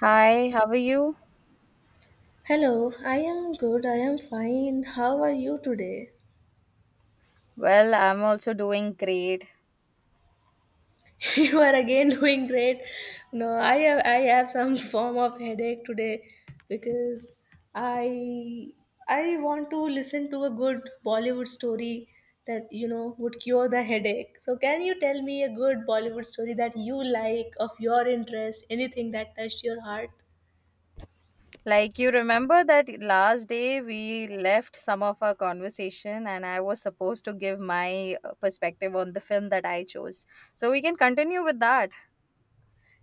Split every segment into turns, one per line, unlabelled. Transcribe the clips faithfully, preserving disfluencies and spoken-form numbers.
Hi, how are you?
Hello, I am good. I am fine. How are you today?
Well, I'm also doing great.
You are again doing great. No, I have I have some form of headache today because I I want to listen to a good Bollywood story that you know would cure the headache. So can you tell me a good Bollywood story that you like of your interest, anything that touched your heart?
Like, you remember that last day we left some of our conversation, and I was supposed to give my uh, perspective on the film that I chose. So, we can continue with that.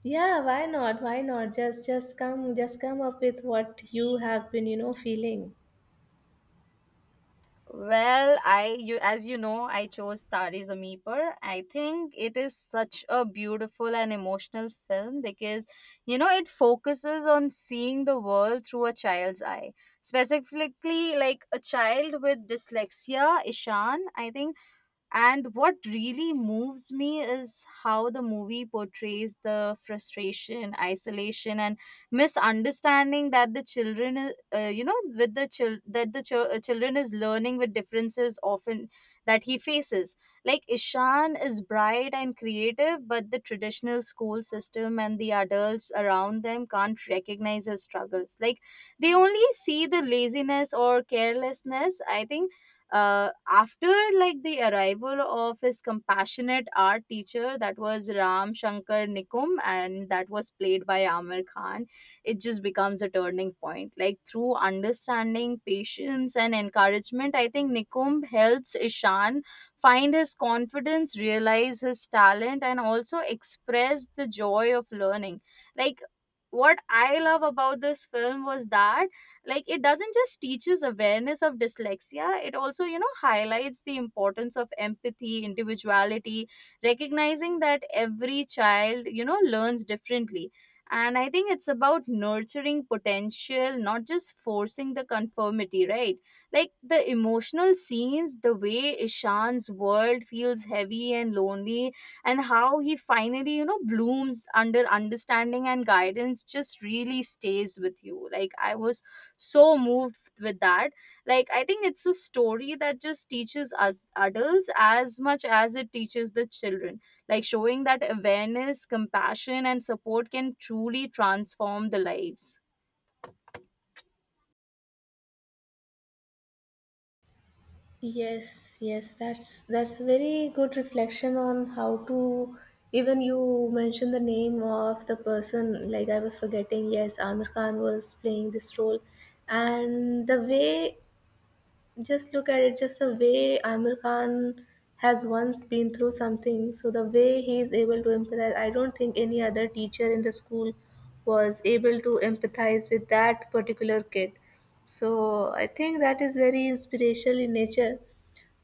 Yeah, why not? Why not? Just just come just come up with what you have been, you know, feeling.
Well, I you as you know, I chose Tare Zameen Par. I think it is such a beautiful and emotional film because you know it focuses on seeing the world through a child's eye. Specifically like a child with dyslexia, Ishan, I think, and what really moves me is how the movie portrays the frustration, isolation, and misunderstanding that the children, I- uh, you know, with the chil- that the chil- uh, children is learning with differences often that he faces. Like Ishan is bright and creative, but the traditional school system and the adults around them can't recognize his struggles. Like they only see the laziness or carelessness. I think uh, after like the arrival of his compassionate art teacher, that was Ram Shankar Nikum, and that was played by Amir Khan, it just becomes a turning point. Like through understanding, patience, and encouragement, I think Nikum helps Ishan find his confidence, realize his talent, and also express the joy of learning. Like, what I love about this film was that like it doesn't just teaches awareness of dyslexia, it also you know highlights the importance of empathy, individuality, recognizing that every child you know learns differently. And I think it's about nurturing potential, not just forcing the conformity, right? Like the emotional scenes, the way Ishan's world feels heavy and lonely, and how he finally you know blooms under understanding and guidance just really stays with you. Like I was so moved with that. Like I think it's a story that just teaches us adults as much as it teaches the children, like showing that awareness, compassion, and support can truly transform the lives.
Yes, yes, that's that's very good reflection on how to, even you mentioned the name of the person, like I was forgetting. Yes, Amir Khan was playing this role, and the way, just look at it, just the way Amir Khan has once been through something, so the way he is able to empathize, I don't think any other teacher in the school was able to empathize with that particular kid. So I think that is very inspirational in nature.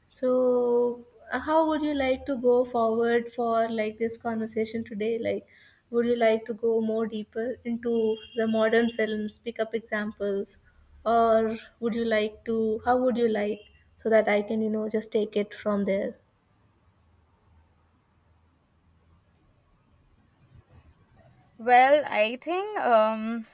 So, uh, how would you like to go forward for like this conversation today? Like, would you like to go more deeper into the modern films, pick up examples, or would you like to? How would you like, so that I can, you know, just take it from there?
Well, I think um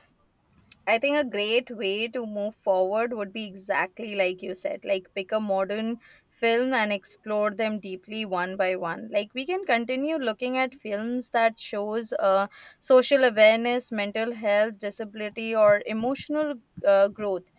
I think a great way to move forward would be exactly like you said, like pick a modern film and explore them deeply one by one. Like we can continue looking at films that shows uh, social awareness, mental health, disability, or emotional uh, growth.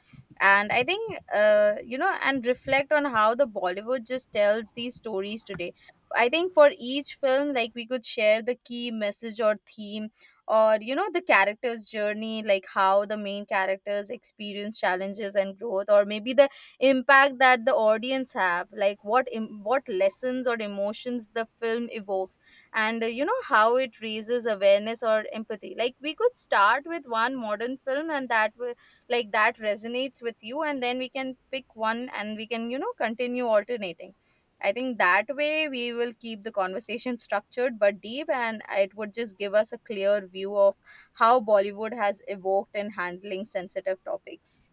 And I think uh, you know, and reflect on how the Bollywood just tells these stories today. I think for each film, like we could share the key message or theme, or you know the character's journey, like how the main characters experience challenges and growth, or maybe the impact that the audience have, like what Im- what lessons or emotions the film evokes, and uh, you know how it raises awareness or empathy. Like we could start with one modern film and that will like that resonates with you, and then we can pick one and we can you know continue alternating. I think that way we will keep the conversation structured but deep, and it would just give us a clear view of how Bollywood has evoked in handling sensitive topics.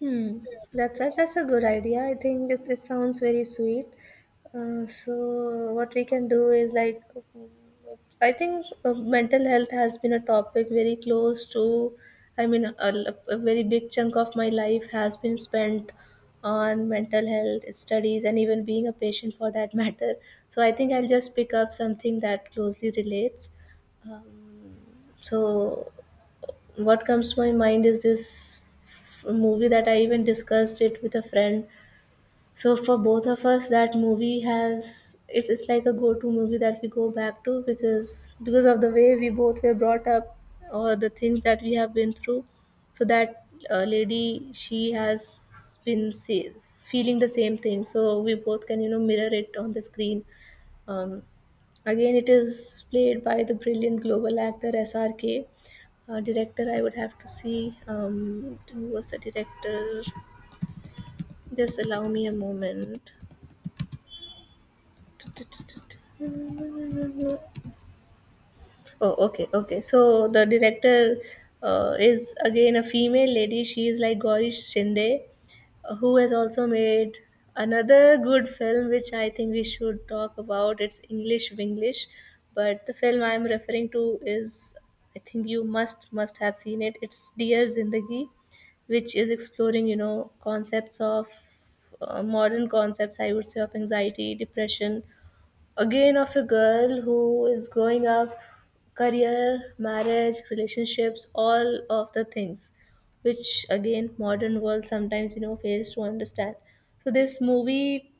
Hmm. That, that that's a good idea. I think it, it sounds very sweet. Uh, so what we can do is like, I think uh, mental health has been a topic very close to. I mean, a, l- a very big chunk of my life has been spent on mental health studies, and even being a patient for that matter. So I think I'll just pick up something that closely relates. Um, so what comes to my mind is this f- movie that I even discussed it with a friend. So for both of us, that movie has it's it's like a go-to movie that we go back to because because of the way we both were brought up, or the things that we have been through. So that uh, lady, she has been see, feeling the same thing. So we both can you know mirror it on the screen. Um, again, it is played by the brilliant global actor S R K. Uh, director, I would have to see um, who was the director. Just allow me a moment. Oh, okay, okay. So the director uh, is again a female lady. She is like Gauri Shinde, uh, who has also made another good film, which I think we should talk about. It's English Winglish, but the film I'm referring to is, I think you must must have seen it. It's Dear Zindagi, which is exploring you know concepts of uh, modern concepts. I would say, of anxiety, depression, again of a girl who is growing up, career, marriage, relationships, all of the things which again modern world sometimes you know fails to understand. So this movie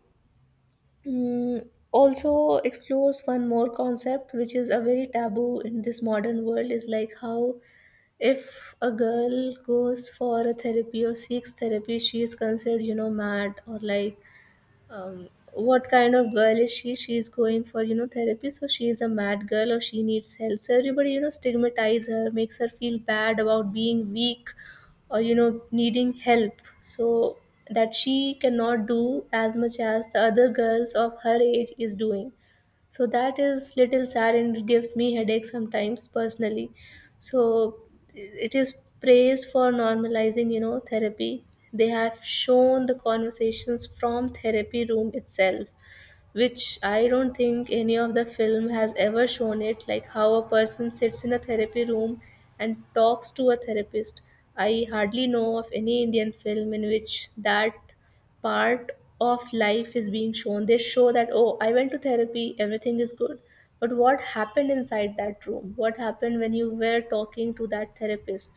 mm, also explores one more concept, which is a very taboo in this modern world, is like how if a girl goes for a therapy or seeks therapy, she is considered you know mad, or like, um, what kind of girl is she she's going for you know therapy, so she's a mad girl, or she needs help, so everybody you know stigmatize her, makes her feel bad about being weak or you know needing help, so that she cannot do as much as the other girls of her age is doing. So that is little sad, and it gives me headache sometimes personally. So it is praised for normalizing you know therapy. They have shown the conversations from therapy room itself, which I don't think any of the film has ever shown it, like how a person sits in a therapy room and talks to a therapist. I hardly know of any Indian film in which that part of life is being shown. They show that, oh, I went to therapy, everything is good. But what happened inside that room? What happened when you were talking to that therapist?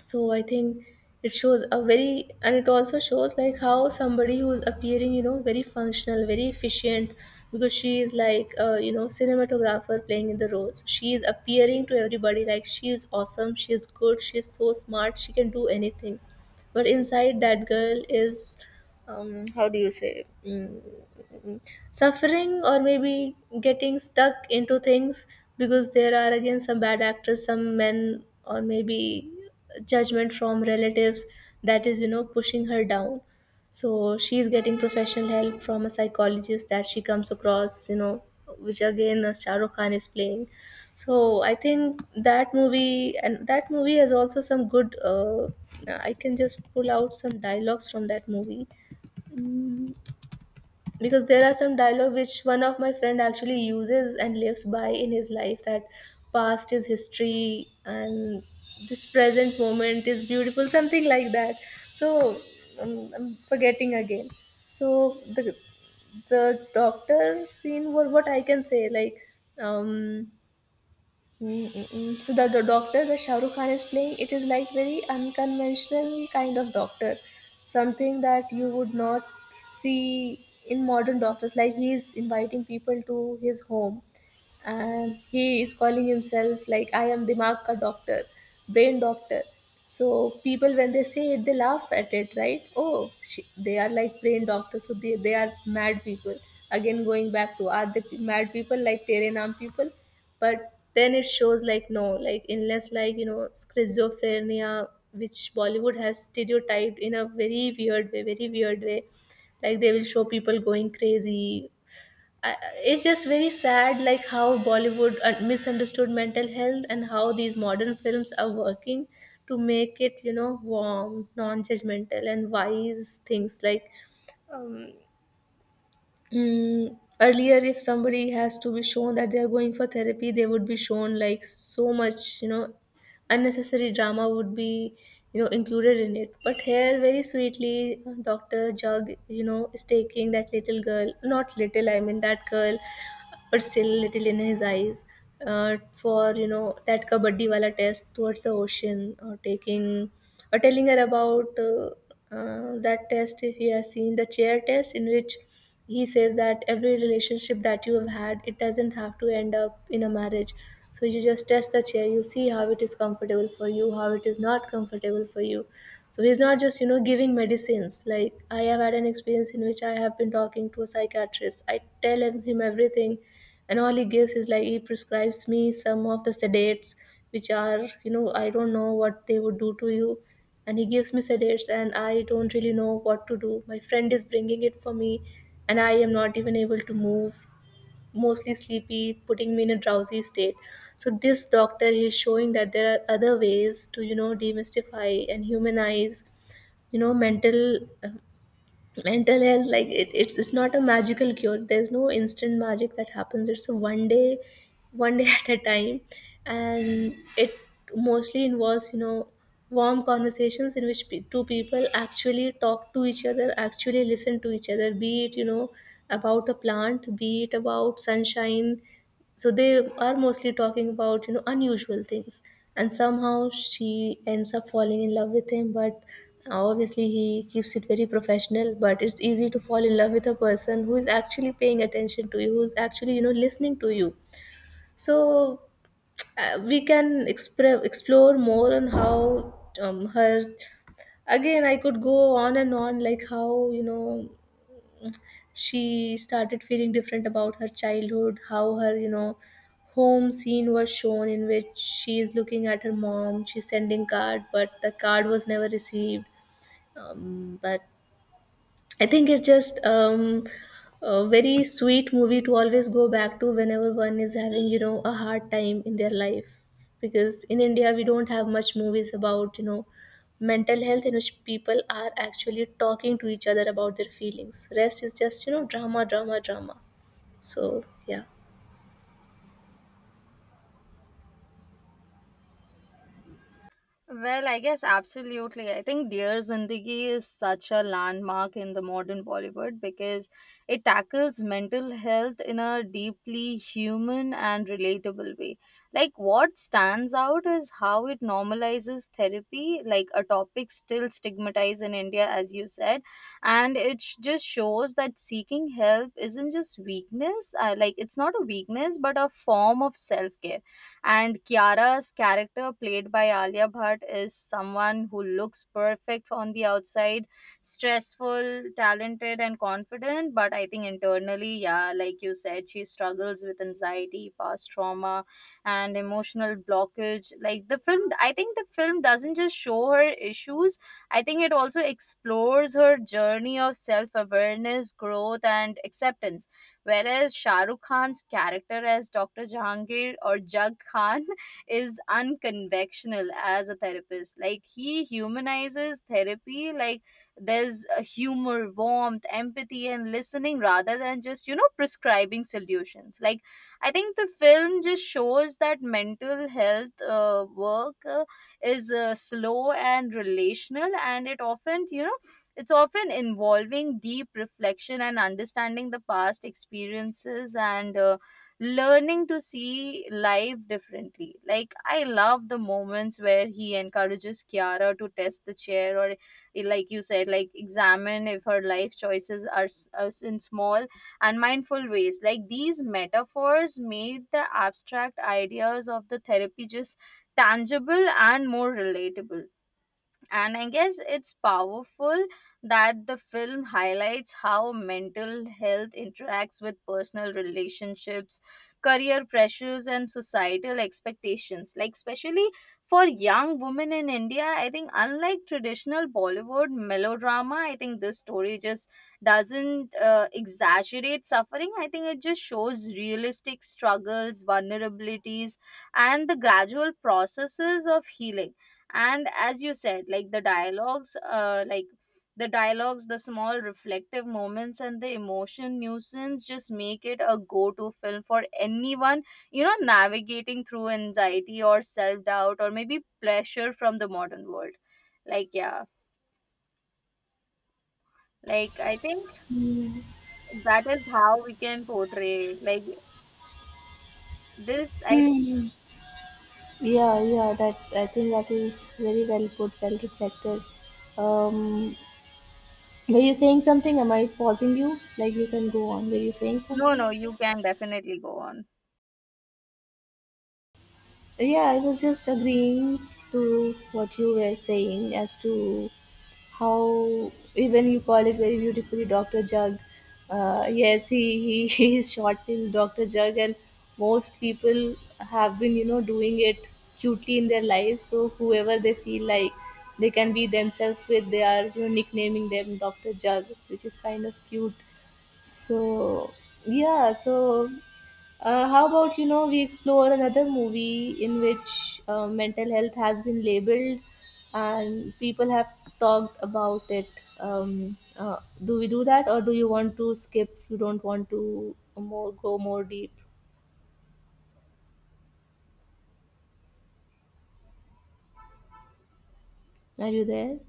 So I think it shows a very, and it also shows like how somebody who's appearing you know very functional, very efficient, because she is like uh, you know cinematographer playing in the roles, she is appearing to everybody like she is awesome, she is good, she is so smart, she can do anything, but inside that girl is, um how do you say, mm, suffering, or maybe getting stuck into things, because there are again some bad actors, some men, or maybe judgment from relatives, that is you know pushing her down. So she is getting professional help from a psychologist that she comes across, you know which again uh, Shah Rukh Khan is playing. So I think that movie, and that movie has also some good, uh, I can just pull out some dialogues from that movie. Mm, because there are some dialogue which one of my friend actually uses and lives by in his life, that past is history and this present moment is beautiful, something like that. So um, I'm forgetting again. So the the doctor scene, what what I can say, like, um Mm-mm-mm. So the, the doctor that Shah Rukh Khan is playing, it is like very unconventional kind of doctor, something that you would not see in modern doctors. Like he is inviting people to his home, and he is calling himself like, I am dimag ka doctor, brain doctor. So people when they say it they laugh at it, right, oh she, they are like brain doctors, so they, they are mad people. Again going back to, are they pe- mad people like tere naam people? But then it shows like no, like unless like you know schizophrenia, which Bollywood has stereotyped in a very weird way, very weird way. Like they will show people going crazy. I- it's just very sad, like how Bollywood uh, misunderstood mental health, and how these modern films are working to make it you know warm, non-judgmental and wise, things like, um, mm, earlier if somebody has to be shown that they are going for therapy, they would be shown like so much you know unnecessary drama would be you know included in it. But here very sweetly, Dr. Jug, you know is taking that little girl, not little, I mean that girl but still little in his eyes, uh, for you know that kabaddi wala test towards the ocean, or taking, or telling her about uh, uh, that test. If you have seen the chair test, in which he says that every relationship that you have had, it doesn't have to end up in a marriage, so you just test the chair, you see how it is comfortable for you, how it is not comfortable for you. So he's not just you know giving medicines, like I have had an experience in which I have been talking to a psychiatrist, I tell him, him everything, and all he gives is like he prescribes me some of the sedates, which are you know I don't know what they would do to you. And he gives me sedates, and I don't really know what to do, my friend is bringing it for me, and I am not even able to move, mostly sleepy, putting me in a drowsy state. So this doctor, he is showing that there are other ways to you know demystify and humanize, you know mental mental health. Like it, it's it's not a magical cure, there's no instant magic that happens, it's a one day one day at a time. And it mostly involves you know warm conversations in which pe- two people actually talk to each other, actually listen to each other, be it you know about a plant, be it about sunshine. So they are mostly talking about you know unusual things. And somehow she ends up falling in love with him, but obviously he keeps it very professional, but it's easy to fall in love with a person who is actually paying attention to you, who's actually you know listening to you. So uh, we can expre- explore more on how um, her, again I could go on and on, like how you know she started feeling different about her childhood, how her you know home scene was shown in which she is looking at her mom, she's sending card, but the card was never received. Um, but I think it's just um, a very sweet movie to always go back to whenever one is having, you know, a hard time in their life. Because in India, we don't have much movies about, you know, mental health in which people are actually talking to each other about their feelings. Rest is just, you know, drama, drama, drama. So, yeah.
Well, I guess absolutely. I think Dear Zindagi is such a landmark in the modern Bollywood because it tackles mental health in a deeply human and relatable way. Like, what stands out is how it normalizes therapy, like a topic still stigmatized in India, as you said. And it sh- just shows that seeking help isn't just weakness, uh, like, it's not a weakness, but a form of self care. And Kiara's character, played by Alia Bhatt, is someone who looks perfect on the outside, stressful, talented, and confident. But I think internally, yeah, like you said, she struggles with anxiety, past trauma, and emotional blockage. Like the film, I think the film doesn't just show her issues, I think it also explores her journey of self awareness, growth, and acceptance. Whereas Shah Rukh Khan's character as Doctor Jahangir or Jug Khan is unconventional as a therapist. Like he humanizes therapy, like there's a humor, warmth, empathy, and listening rather than just, you know, prescribing solutions. Like I think the film just shows that mental health uh, work uh, is uh, slow and relational, and it often, you know, it's often involving deep reflection and understanding the past experiences, and uh, learning to see life differently. Like, I love the moments where he encourages Kiara to test the chair, or eh, like you said, like examine if her life choices are, s- are s- in small and mindful ways. Like, these metaphors made the abstract ideas of the therapy just tangible and more relatable. And I guess it's powerful that the film highlights how mental health interacts with personal relationships, career pressures, and societal expectations, like especially for young women in India. I think unlike traditional Bollywood melodrama, I think this story just doesn't uh, exaggerate suffering. I think it just shows realistic struggles, vulnerabilities, and the gradual processes of healing. And as you said, like the dialogues uh like the dialogues the small reflective moments and the emotion nuisance just make it a go-to film for anyone you know navigating through anxiety, or self-doubt, or maybe pressure from the modern world. Like yeah, like I think that is how we can portray like this I.
Hmm. Yeah, yeah, that I think that is very well put, well reflected. Um, Were you saying something? Am I pausing you? Like you can go on. Were you saying
No,
something?
no, you can definitely go on.
Yeah, I was just agreeing to what you were saying as to how even you call it very beautifully doctor Jug. Uh, yes, he, he, he is short is doctor Jug, and most people have been, you know, doing it cutely in their life. So whoever they feel like they can be themselves with, they are, you know, nicknaming them doctor Jug, which is kind of cute. So, yeah, so uh, how about, you know, we explore another movie in which uh, mental health has been labeled and people have talked about it. Um, uh, do we do that, or do you want to skip? You don't want to more go more deep. Are you there?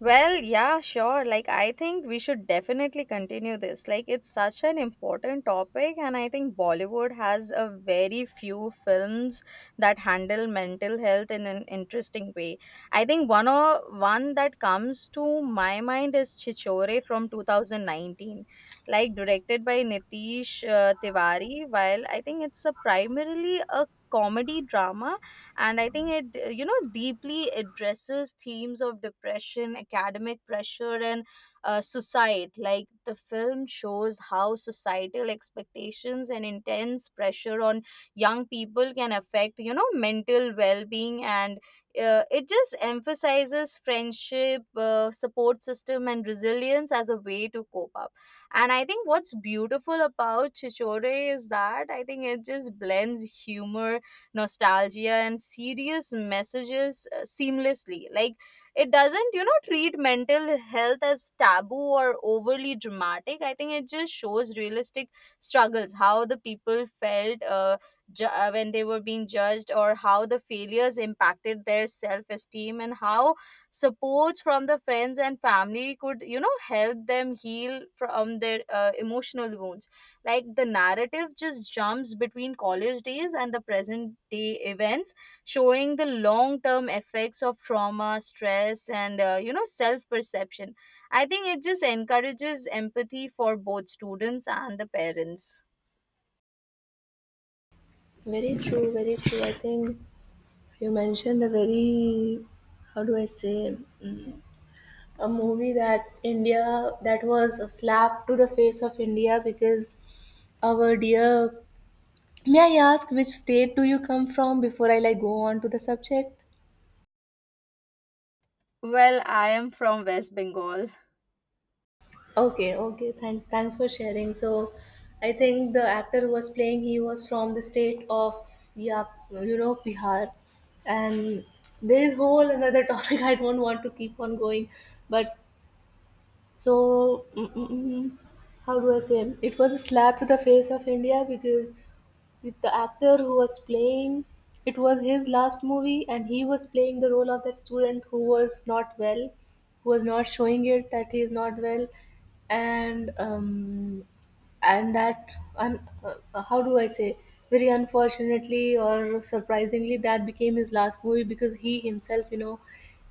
Well, yeah, sure. Like, I think we should definitely continue this. Like, it's such an important topic, and I think Bollywood has a very few films that handle mental health in an interesting way. I think one or one that comes to my mind is Chichore from two thousand nineteen, like directed by Nitish uh, Tiwari. While I think it's a primarily a comedy drama, and I think it uh, you know deeply addresses themes of depression, academic pressure, and uh, suicide. Like the film shows how societal expectations and intense pressure on young people can affect you know mental well-being, and uh, it just emphasizes friendship, uh, support system, and resilience as a way to cope up. And I think what's beautiful about Chichore is that I think it just blends humor, nostalgia, and serious messages uh, seamlessly. Like it doesn't you know treat mental health as taboo or overly dramatic. I think it just shows realistic struggles, how the people felt uh, ju- uh, when they were being judged, or how the failures impacted their self esteem, and how supports from the friends and family could you know help them heal from their uh, emotional wounds. Like the narrative just jumps between college days and the present day events, showing the long term effects of trauma, stress, and uh, you know self perception. I think it just encourages empathy for both students and the parents.
Very true, very true. I think you mentioned a very, how do I say, mm, a movie that India that was a slap to the face of India because our dear, may I ask which state do you come from before I like go on to the subject?
Well, I am from West Bengal.
Okay, okay, thanks. Thanks for sharing. So I think the actor who was playing he was from the state of, yeah, you know, Bihar. And there is whole another topic I don't want to keep on going. But so mm, mm, mm, how do I say, it was a slap to the face of India because with the actor who was playing, it was his last movie and he was playing the role of that student who was not well, who was not showing it that he is not well. And um, and that un, uh, how do I say very unfortunately or surprisingly that became his last movie because he himself, you know,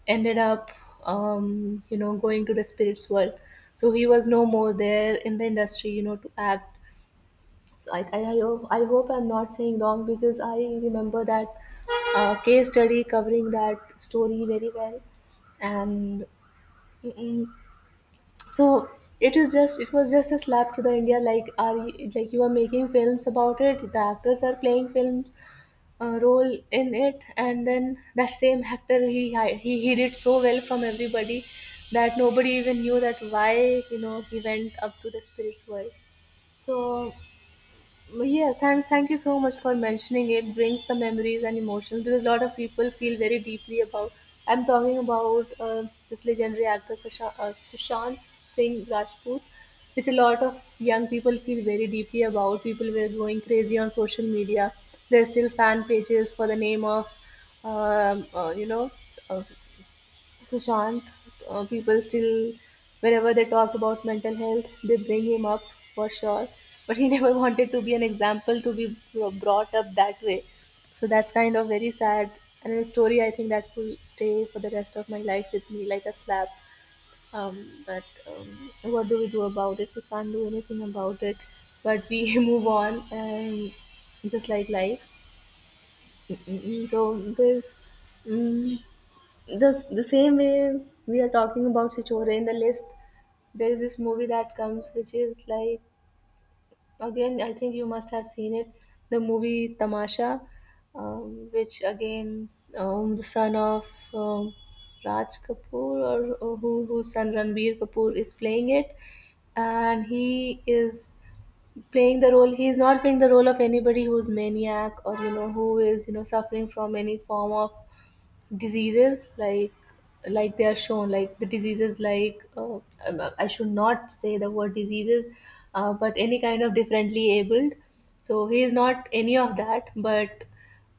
ended up, um, you know, going to the spirits world. So he was no more there in the industry, you know, to act. So I, I, I, hope- I hope I'm not saying wrong because I remember that uh, case study covering that story very well. And mm-mm. so it is just, it was just a slap to the India, like are you, like you are making films about it. The actors are playing film uh, role in it, and then that same actor, he hi- he hid it so well from everybody that nobody even knew that why, you know, he went up to the spirits world. So well, yes, and thank you so much for mentioning it. Brings the memories and emotions because a lot of people feel very deeply about. I'm talking about uh, this legendary actor Susha- uh, Sushant Singh Rajput, which a lot of young people feel very deeply about. People were going crazy on social media. There's still fan pages for the name of, um, uh, you know, s- uh, Sushant, uh, people still, whenever they talk about mental health, they bring him up for sure. But he never wanted to be an example to be bro- brought up that way. So that's kind of very sad. And a story I think that will stay for the rest of my life with me like a slap. Um, that um, what do we do about it? We can't do anything about it. But we move on and just like life. Mm, mm, mm. So there's. mm the the same way we are talking about Chichore in the list, there is this movie that comes which is like, again, I think you must have seen it, the movie Tamasha, um, which again, um, the son of um, Raj Kapoor, or, or who, whose son Ranbir Kapoor is playing it, and he is playing the role, he is not playing the role of anybody who's maniac or, you know, who is, you know, suffering from any form of diseases, like like they are shown like the diseases like uh, um, uh, I should not say the word diseases. Uh, but any kind of differently abled, so he is not any of that. But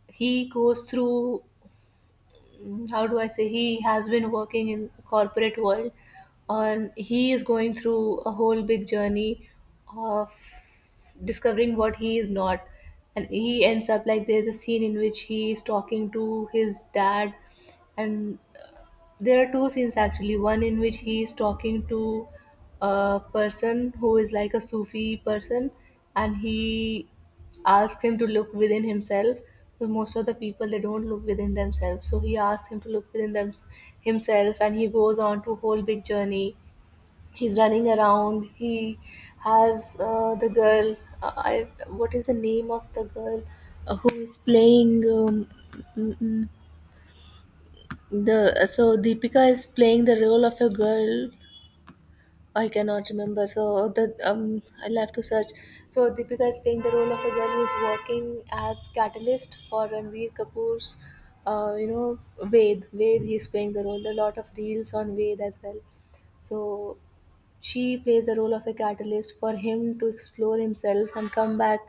he goes through, mm, how do I say, he has been working in corporate world and he is going through a whole big journey of discovering what he is not. And he ends up like, there's a scene in which he is talking to his dad. And there are two scenes actually. One in which he is talking to a person who is like a Sufi person, and he asks him to look within himself. So most of the people they don't look within themselves. So he asks him to look within them, himself, and he goes on to whole big journey. He's running around. He has uh, the girl. Uh, I, what is the name of the girl uh, who is playing? Um, mm, mm, the so Deepika is playing the role of a girl. I cannot remember. So the um, I'll have to search. So Deepika is playing the role of a girl who is working as catalyst for Ranveer Kapoor's, uh, you know, Ved. Ved. He's playing the role. There are a lot of reels on Ved as well. So she plays the role of a catalyst for him to explore himself and come back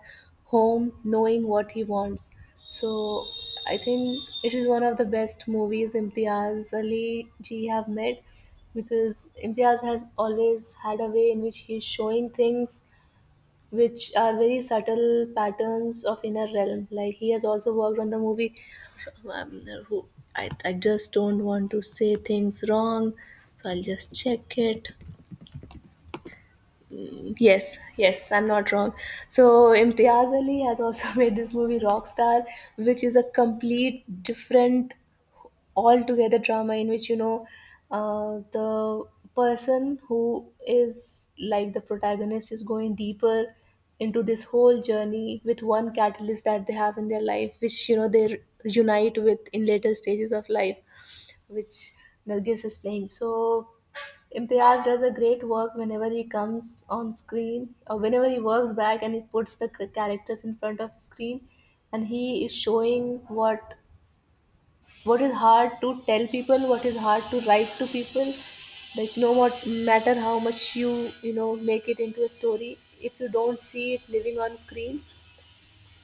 home knowing what he wants. So I think it is one of the best movies Imtiaz Ali ji have made because Imtiaz has always had a way in which he is showing things which are very subtle patterns of inner realm. Like he has also worked on the movie. Um, who, I, I just don't want to say things wrong, so I'll just check it. Yes, yes, I'm not wrong. So Imtiaz Ali has also made this movie Rockstar, which is a complete different altogether drama in which, you know, uh, the person who is like the protagonist is going deeper into this whole journey with one catalyst that they have in their life, which, you know, they r- unite with in later stages of life, which Nargis is playing. So Imtiaz does a great work whenever he comes on screen or whenever he works back and he puts the c- characters in front of screen, and he is showing what what is hard to tell people, what is hard to write to people. Like no mat- matter how much you, you know, make it into a story, if you don't see it living on screen,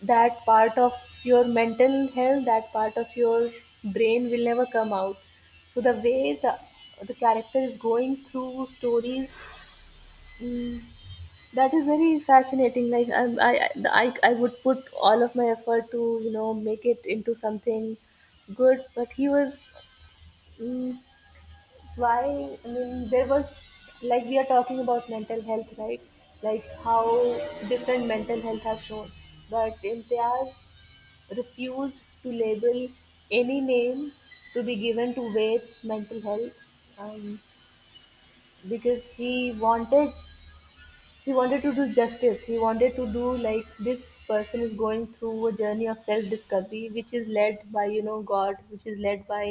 that part of your mental health, that part of your brain will never come out. So the way the the character is going through stories, mm, that is very fascinating. Like I'm, I, I, I would put all of my effort to, you know, make it into something good, but he was. mm, why, I mean, there was, like we are talking about mental health, right? Like how different mental health have shown, but Imtiaz refused to label any name to be given to Wade's mental health, um, because he wanted, he wanted to do justice, he wanted to do like this person is going through a journey of self discovery which is led by, you know, god, which is led by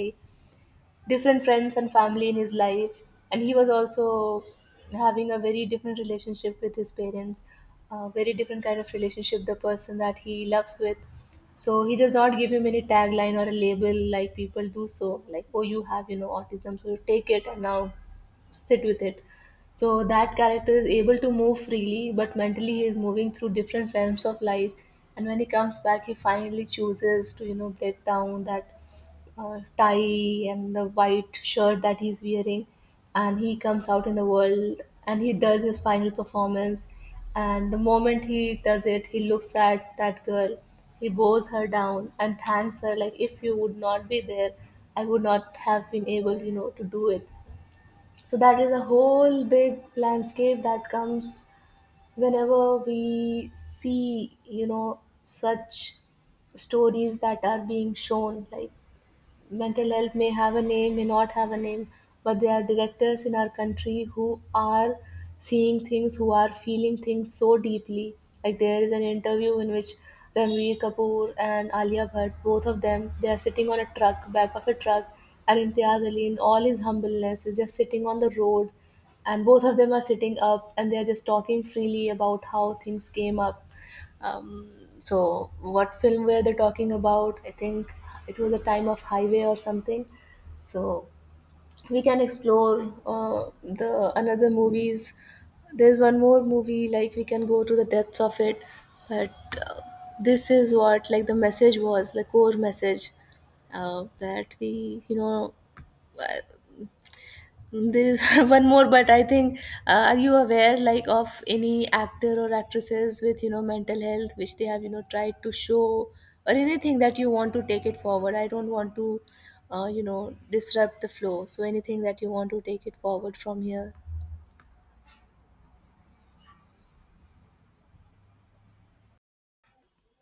different friends and family in his life. And he was also having a very different relationship with his parents, a very different kind of relationship the person that he loves with. So he does not give him any tagline or a label like people do, so like oh you have, you know, autism, so take it and now sit with it. So that character is able to move freely, but mentally he is moving through different realms of life. And when he comes back, he finally chooses to, you know, break down that uh, tie and the white shirt that he's wearing, and he comes out in the world, and he does his final performance. And the moment he does it, he looks at that girl, he bows her down and thanks her, like if you would not be there, I would not have been able, you know, to do it. So that is a whole big landscape that comes whenever we see, you know, such stories that are being shown. Like mental health may have a name, may not have a name, but there are directors in our country who are seeing things, who are feeling things so deeply. Like there is an interview in which Ranveer Kapoor and Alia Bhatt, both of them, they are sitting on a truck, back of a truck, and Imtiaz Ali, in all his humbleness, is just sitting on the road, and both of them are sitting up and they are just talking freely about how things came up. um, so, what film were they talking about? I think it was a time of highway or something. So, we can explore uh, the another movies. There's one more movie like we can go to the depths of it, but uh, this is what, like the message was, the core message uh, that we, you know, uh, there is one more, but I think uh, are you aware like of any actor or actresses with, you know, mental health which they have, you know, tried to show, or anything that you want to take it forward? I don't want to uh, you know, disrupt the flow. So anything that you want to take it forward from here.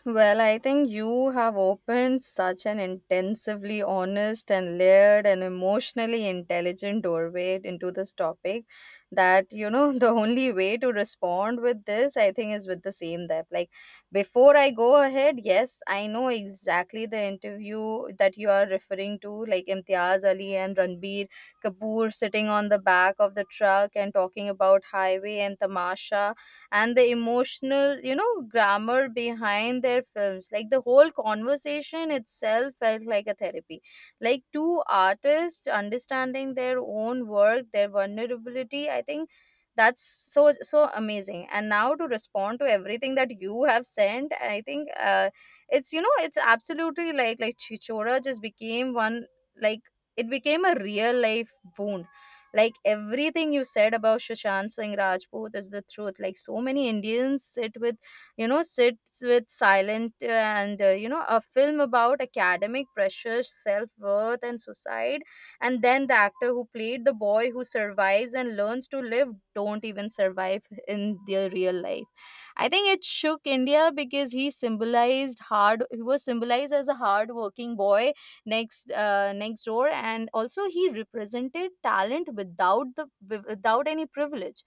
Well, I think you have opened such an intensively honest and layered and emotionally intelligent doorway into this topic that, you know, the only way to respond with this, I think, is with the same depth. Like, before I go ahead, yes, I know exactly the interview that you are referring to, like Imtiaz Ali and Ranbir Kapoor sitting on the back of the truck and talking about Highway and Tamasha and the emotional you know grammar behind their films. Like the whole conversation itself felt like a therapy, like two artists understanding their own work, their vulnerability. I think that's so so amazing. And now to respond to everything that you have sent, I think uh, it's you know it's absolutely like like Chichora just became one. Like it became a real life wound. Like everything you said about Sushant Singh Rajput is the truth. Like so many Indians sit with, you know, sits with silent uh, and, uh, you know, a film about academic pressure, self worth, and suicide. And then the actor who played the boy who survives and learns to live don't even survive in their real life. I think it shook India because he symbolized hard. He was symbolized as a hard-working boy next uh, next door, and also he represented talent without the without any privilege.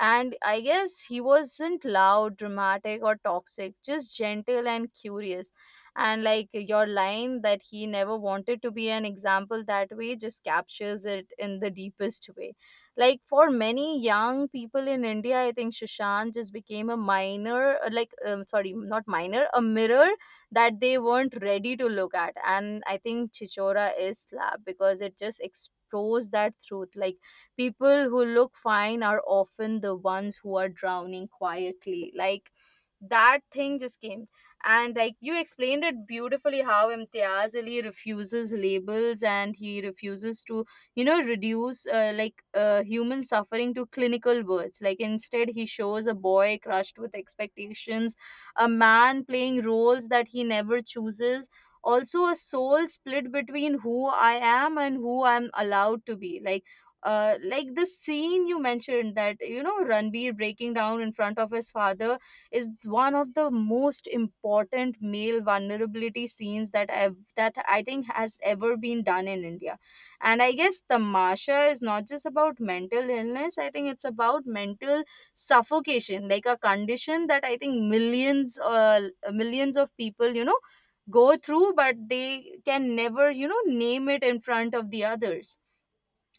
And I guess he wasn't loud, dramatic, or toxic. Just gentle and curious. And like your line that he never wanted to be an example that way just captures it in the deepest way. Like for many young people in India, I think Shashank just became a minor, uh, like um, sorry, not minor, a mirror that they weren't ready to look at. And I think Chichora is slab because it just exposed that truth. Like people who look fine are often the ones who are drowning quietly. Like that thing just came. And like you explained it beautifully how Imtiaz Ali refuses labels and he refuses to you know reduce uh, like uh, human suffering to clinical words, like instead he shows a boy crushed with expectations, a man playing roles that he never chooses, also a soul split between who I am and who I'm allowed to be. Like uh, like the scene you mentioned that you know Ranbir breaking down in front of his father is one of the most important male vulnerability scenes that I've, that I think has ever been done in India. And I guess Tamasha is not just about mental illness. I think it's about mental suffocation, like a condition that I think millions, uh, millions of people, you know, go through, but they can never, you know, name it in front of the others.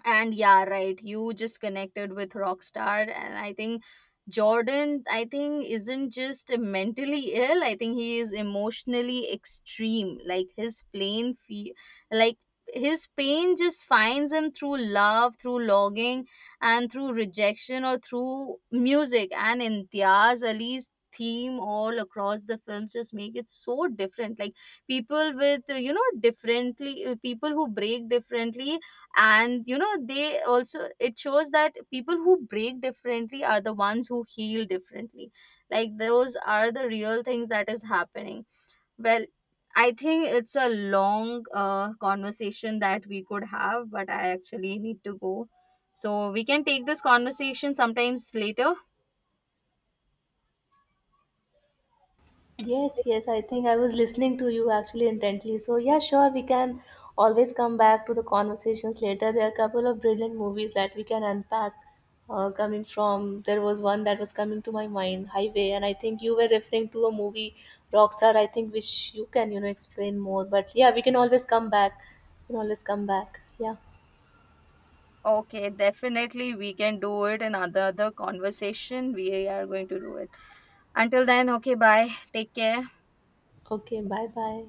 And yeah, right. You just connected with Rockstar, and I think Jordan, I think, isn't just mentally ill. I think he is emotionally extreme. Like his plain fe- like his pain just finds him through love, through longing, and through rejection or through music. And in Diaz Ali's theme all across the films just make it so different. Like people with uh, you know differently uh, people who break differently, and you know they also it shows that people who break differently are the ones who heal differently. Like those are the real things that is happening. Well, I think it's a long uh, conversation that we could have, but I actually need to go. So we can take this conversation sometimes later.
Yes, yes, I think I was listening to you actually intently. So, yeah, sure, we can always come back to the conversations later. There are a couple of brilliant movies that we can unpack uh, coming from. There was one that was coming to my mind, Highway, and I think you were referring to a movie, Rockstar, I think, which you can, you know, explain more. But yeah, we can always come back. We can always come back. Yeah.
Okay, definitely we can do it in other other conversation we are going to do it. Until then, okay, bye, take care.
Okay, bye bye.